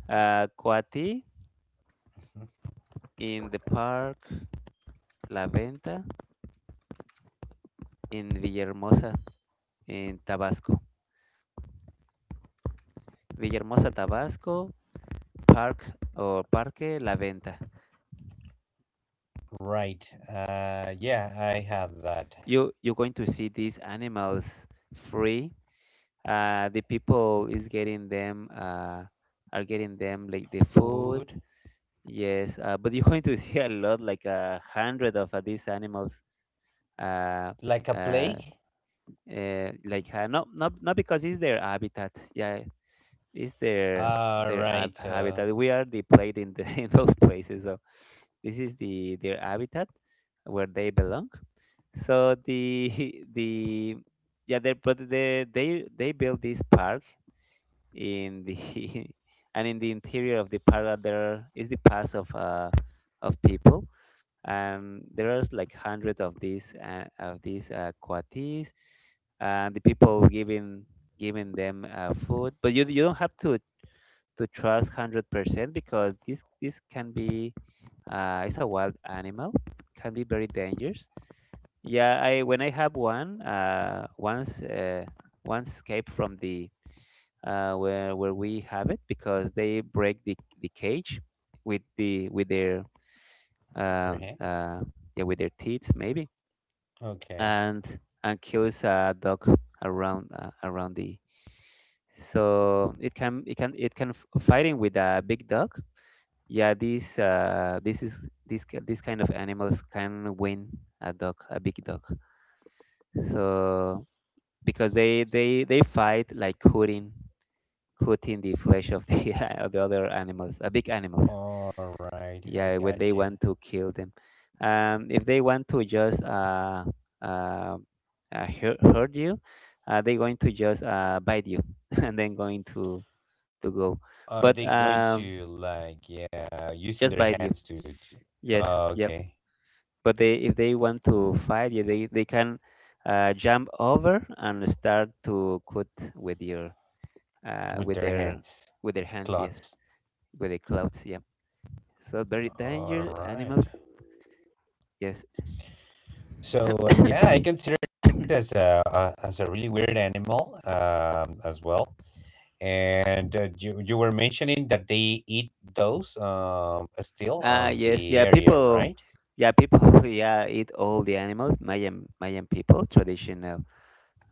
Coatí in the park La Venta in Villahermosa in Tabasco. Villahermosa, Tabasco, park or Parque La Venta.
Right. Yeah, I have that.
You you're going to see these animals free. The people is getting them are getting them like the food.
Food?
Yes, but you're going to see a lot, like a hundred of these animals. Uh,
Like a
uh,
plague?
like not because it's their habitat. Yeah, it's their
All right.
habitat. We are the plate in the in those places. So this is the their habitat where they belong. So the the yeah, they but they built this park in the and in the interior of the park there is the paths of people and there are like hundreds of these coatis and the people giving giving them food but you don't have to trust 100% because this can be it's a wild animal can be very dangerous yeah I when I have one once once escaped from the where we have it because they break the cage with the with their uh,
Their hands?
uh, yeah with their teeth maybe
Okay.
and and kills a dog around around the so it can fighting with a big dog yeah this this is this this kind of animals can win a dog a big dog so because
S- s-
they fight like hooting cut in the flesh of the of the other animals, big animals.
All right. I
Yeah, when
got
they
you.
want to kill them, if they want to just uh, hurt you, they're going to just bite you and then going to go.
Are
But
they going to, like, yeah, using
just
their
bite you.
hands to? To.
Yes,
Oh,
yep.
okay.
But they if they want to fight you, they can jump over and start to cut with your uh,
With
with
their
their
hands,
with their hands. Yes,
clots.
with their clothes. Yeah, so very
All
dangerous
right.
animals. Yes.
So, yeah, I consider this as a as a really weird animal, as well. And, you were mentioning that they eat those, still
Ah
on
yes,
the area, right?
yeah, people, yeah, eat all the animals. Mayan Mayan people, traditional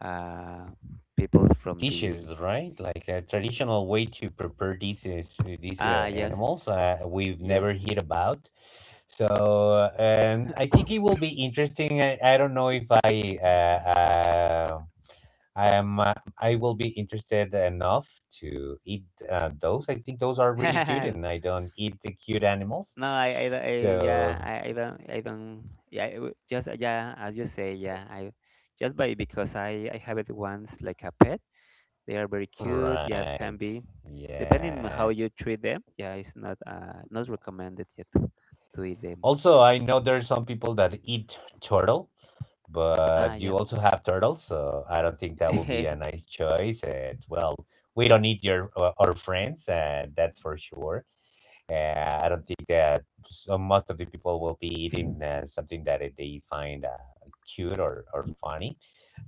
uh peoples from
Dishes,
the
right? Like a traditional way to prepare these
ah yes,
animals, we've
yes.
never heard about. So, I think it will be interesting. I don't know if I am uh, I will be interested enough to eat, those. I think those are really cute, and I don't eat the cute animals.
No, yeah,
So
I don't, yeah, it just yeah, as you say, yeah, I just by because I have it once like a pet. They are very cute. Yeah, it can
right,
be. Depending on how
yeah.
you treat them, yeah, it's not not recommended yet to eat them.
Also, I know there's some people that eat turtle, but
Ah,
you
yeah,
also have turtles, so I don't think that will be a nice choice. And well, we
yeah,
don't need your our friends, and that's for sure. I don't think that so most of the people will be eating, something that, they find, cute, or funny,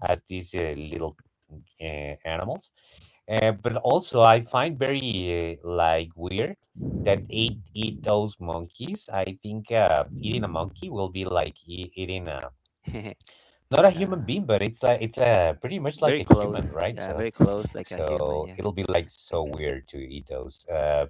as these little, animals. But also, I find very, like, weird that eat those monkeys. I think, eating a monkey will be like eating a, not a
like
human being, but it's like it's a pretty much like
very
a
close,
human, right?
yeah,
So
very close, like a human,
so it'll be like so weird to eat those,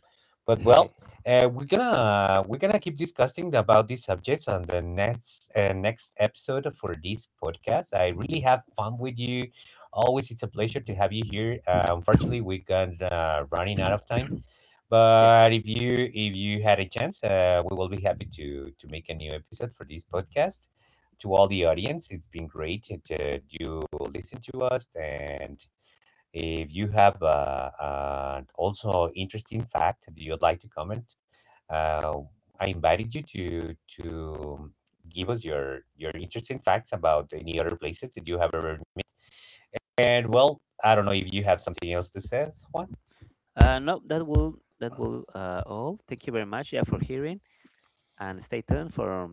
but
yeah,
well, we're gonna keep discussing about these subjects on the next episode for this podcast. I really have fun with you, always. It's a pleasure to have you here. Unfortunately we got, running out of time,
yeah.
but if you had a chance, we will be happy to make a new episode for this podcast. To all the audience, it's been great that you listen to us, and if you have, also interesting fact that you'd like to comment, uh, I invited you to give us your interesting facts about any other places that you have ever met. And well, I don't know if you have something else to say, Juan.
No, that will all. Thank you very much, yeah, for hearing and stay tuned for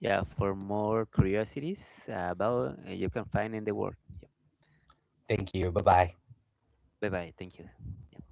yeah for more curiosities about you can find in the world. Yeah.
Thank you. Bye bye.
Bye bye. Thank you. Yeah.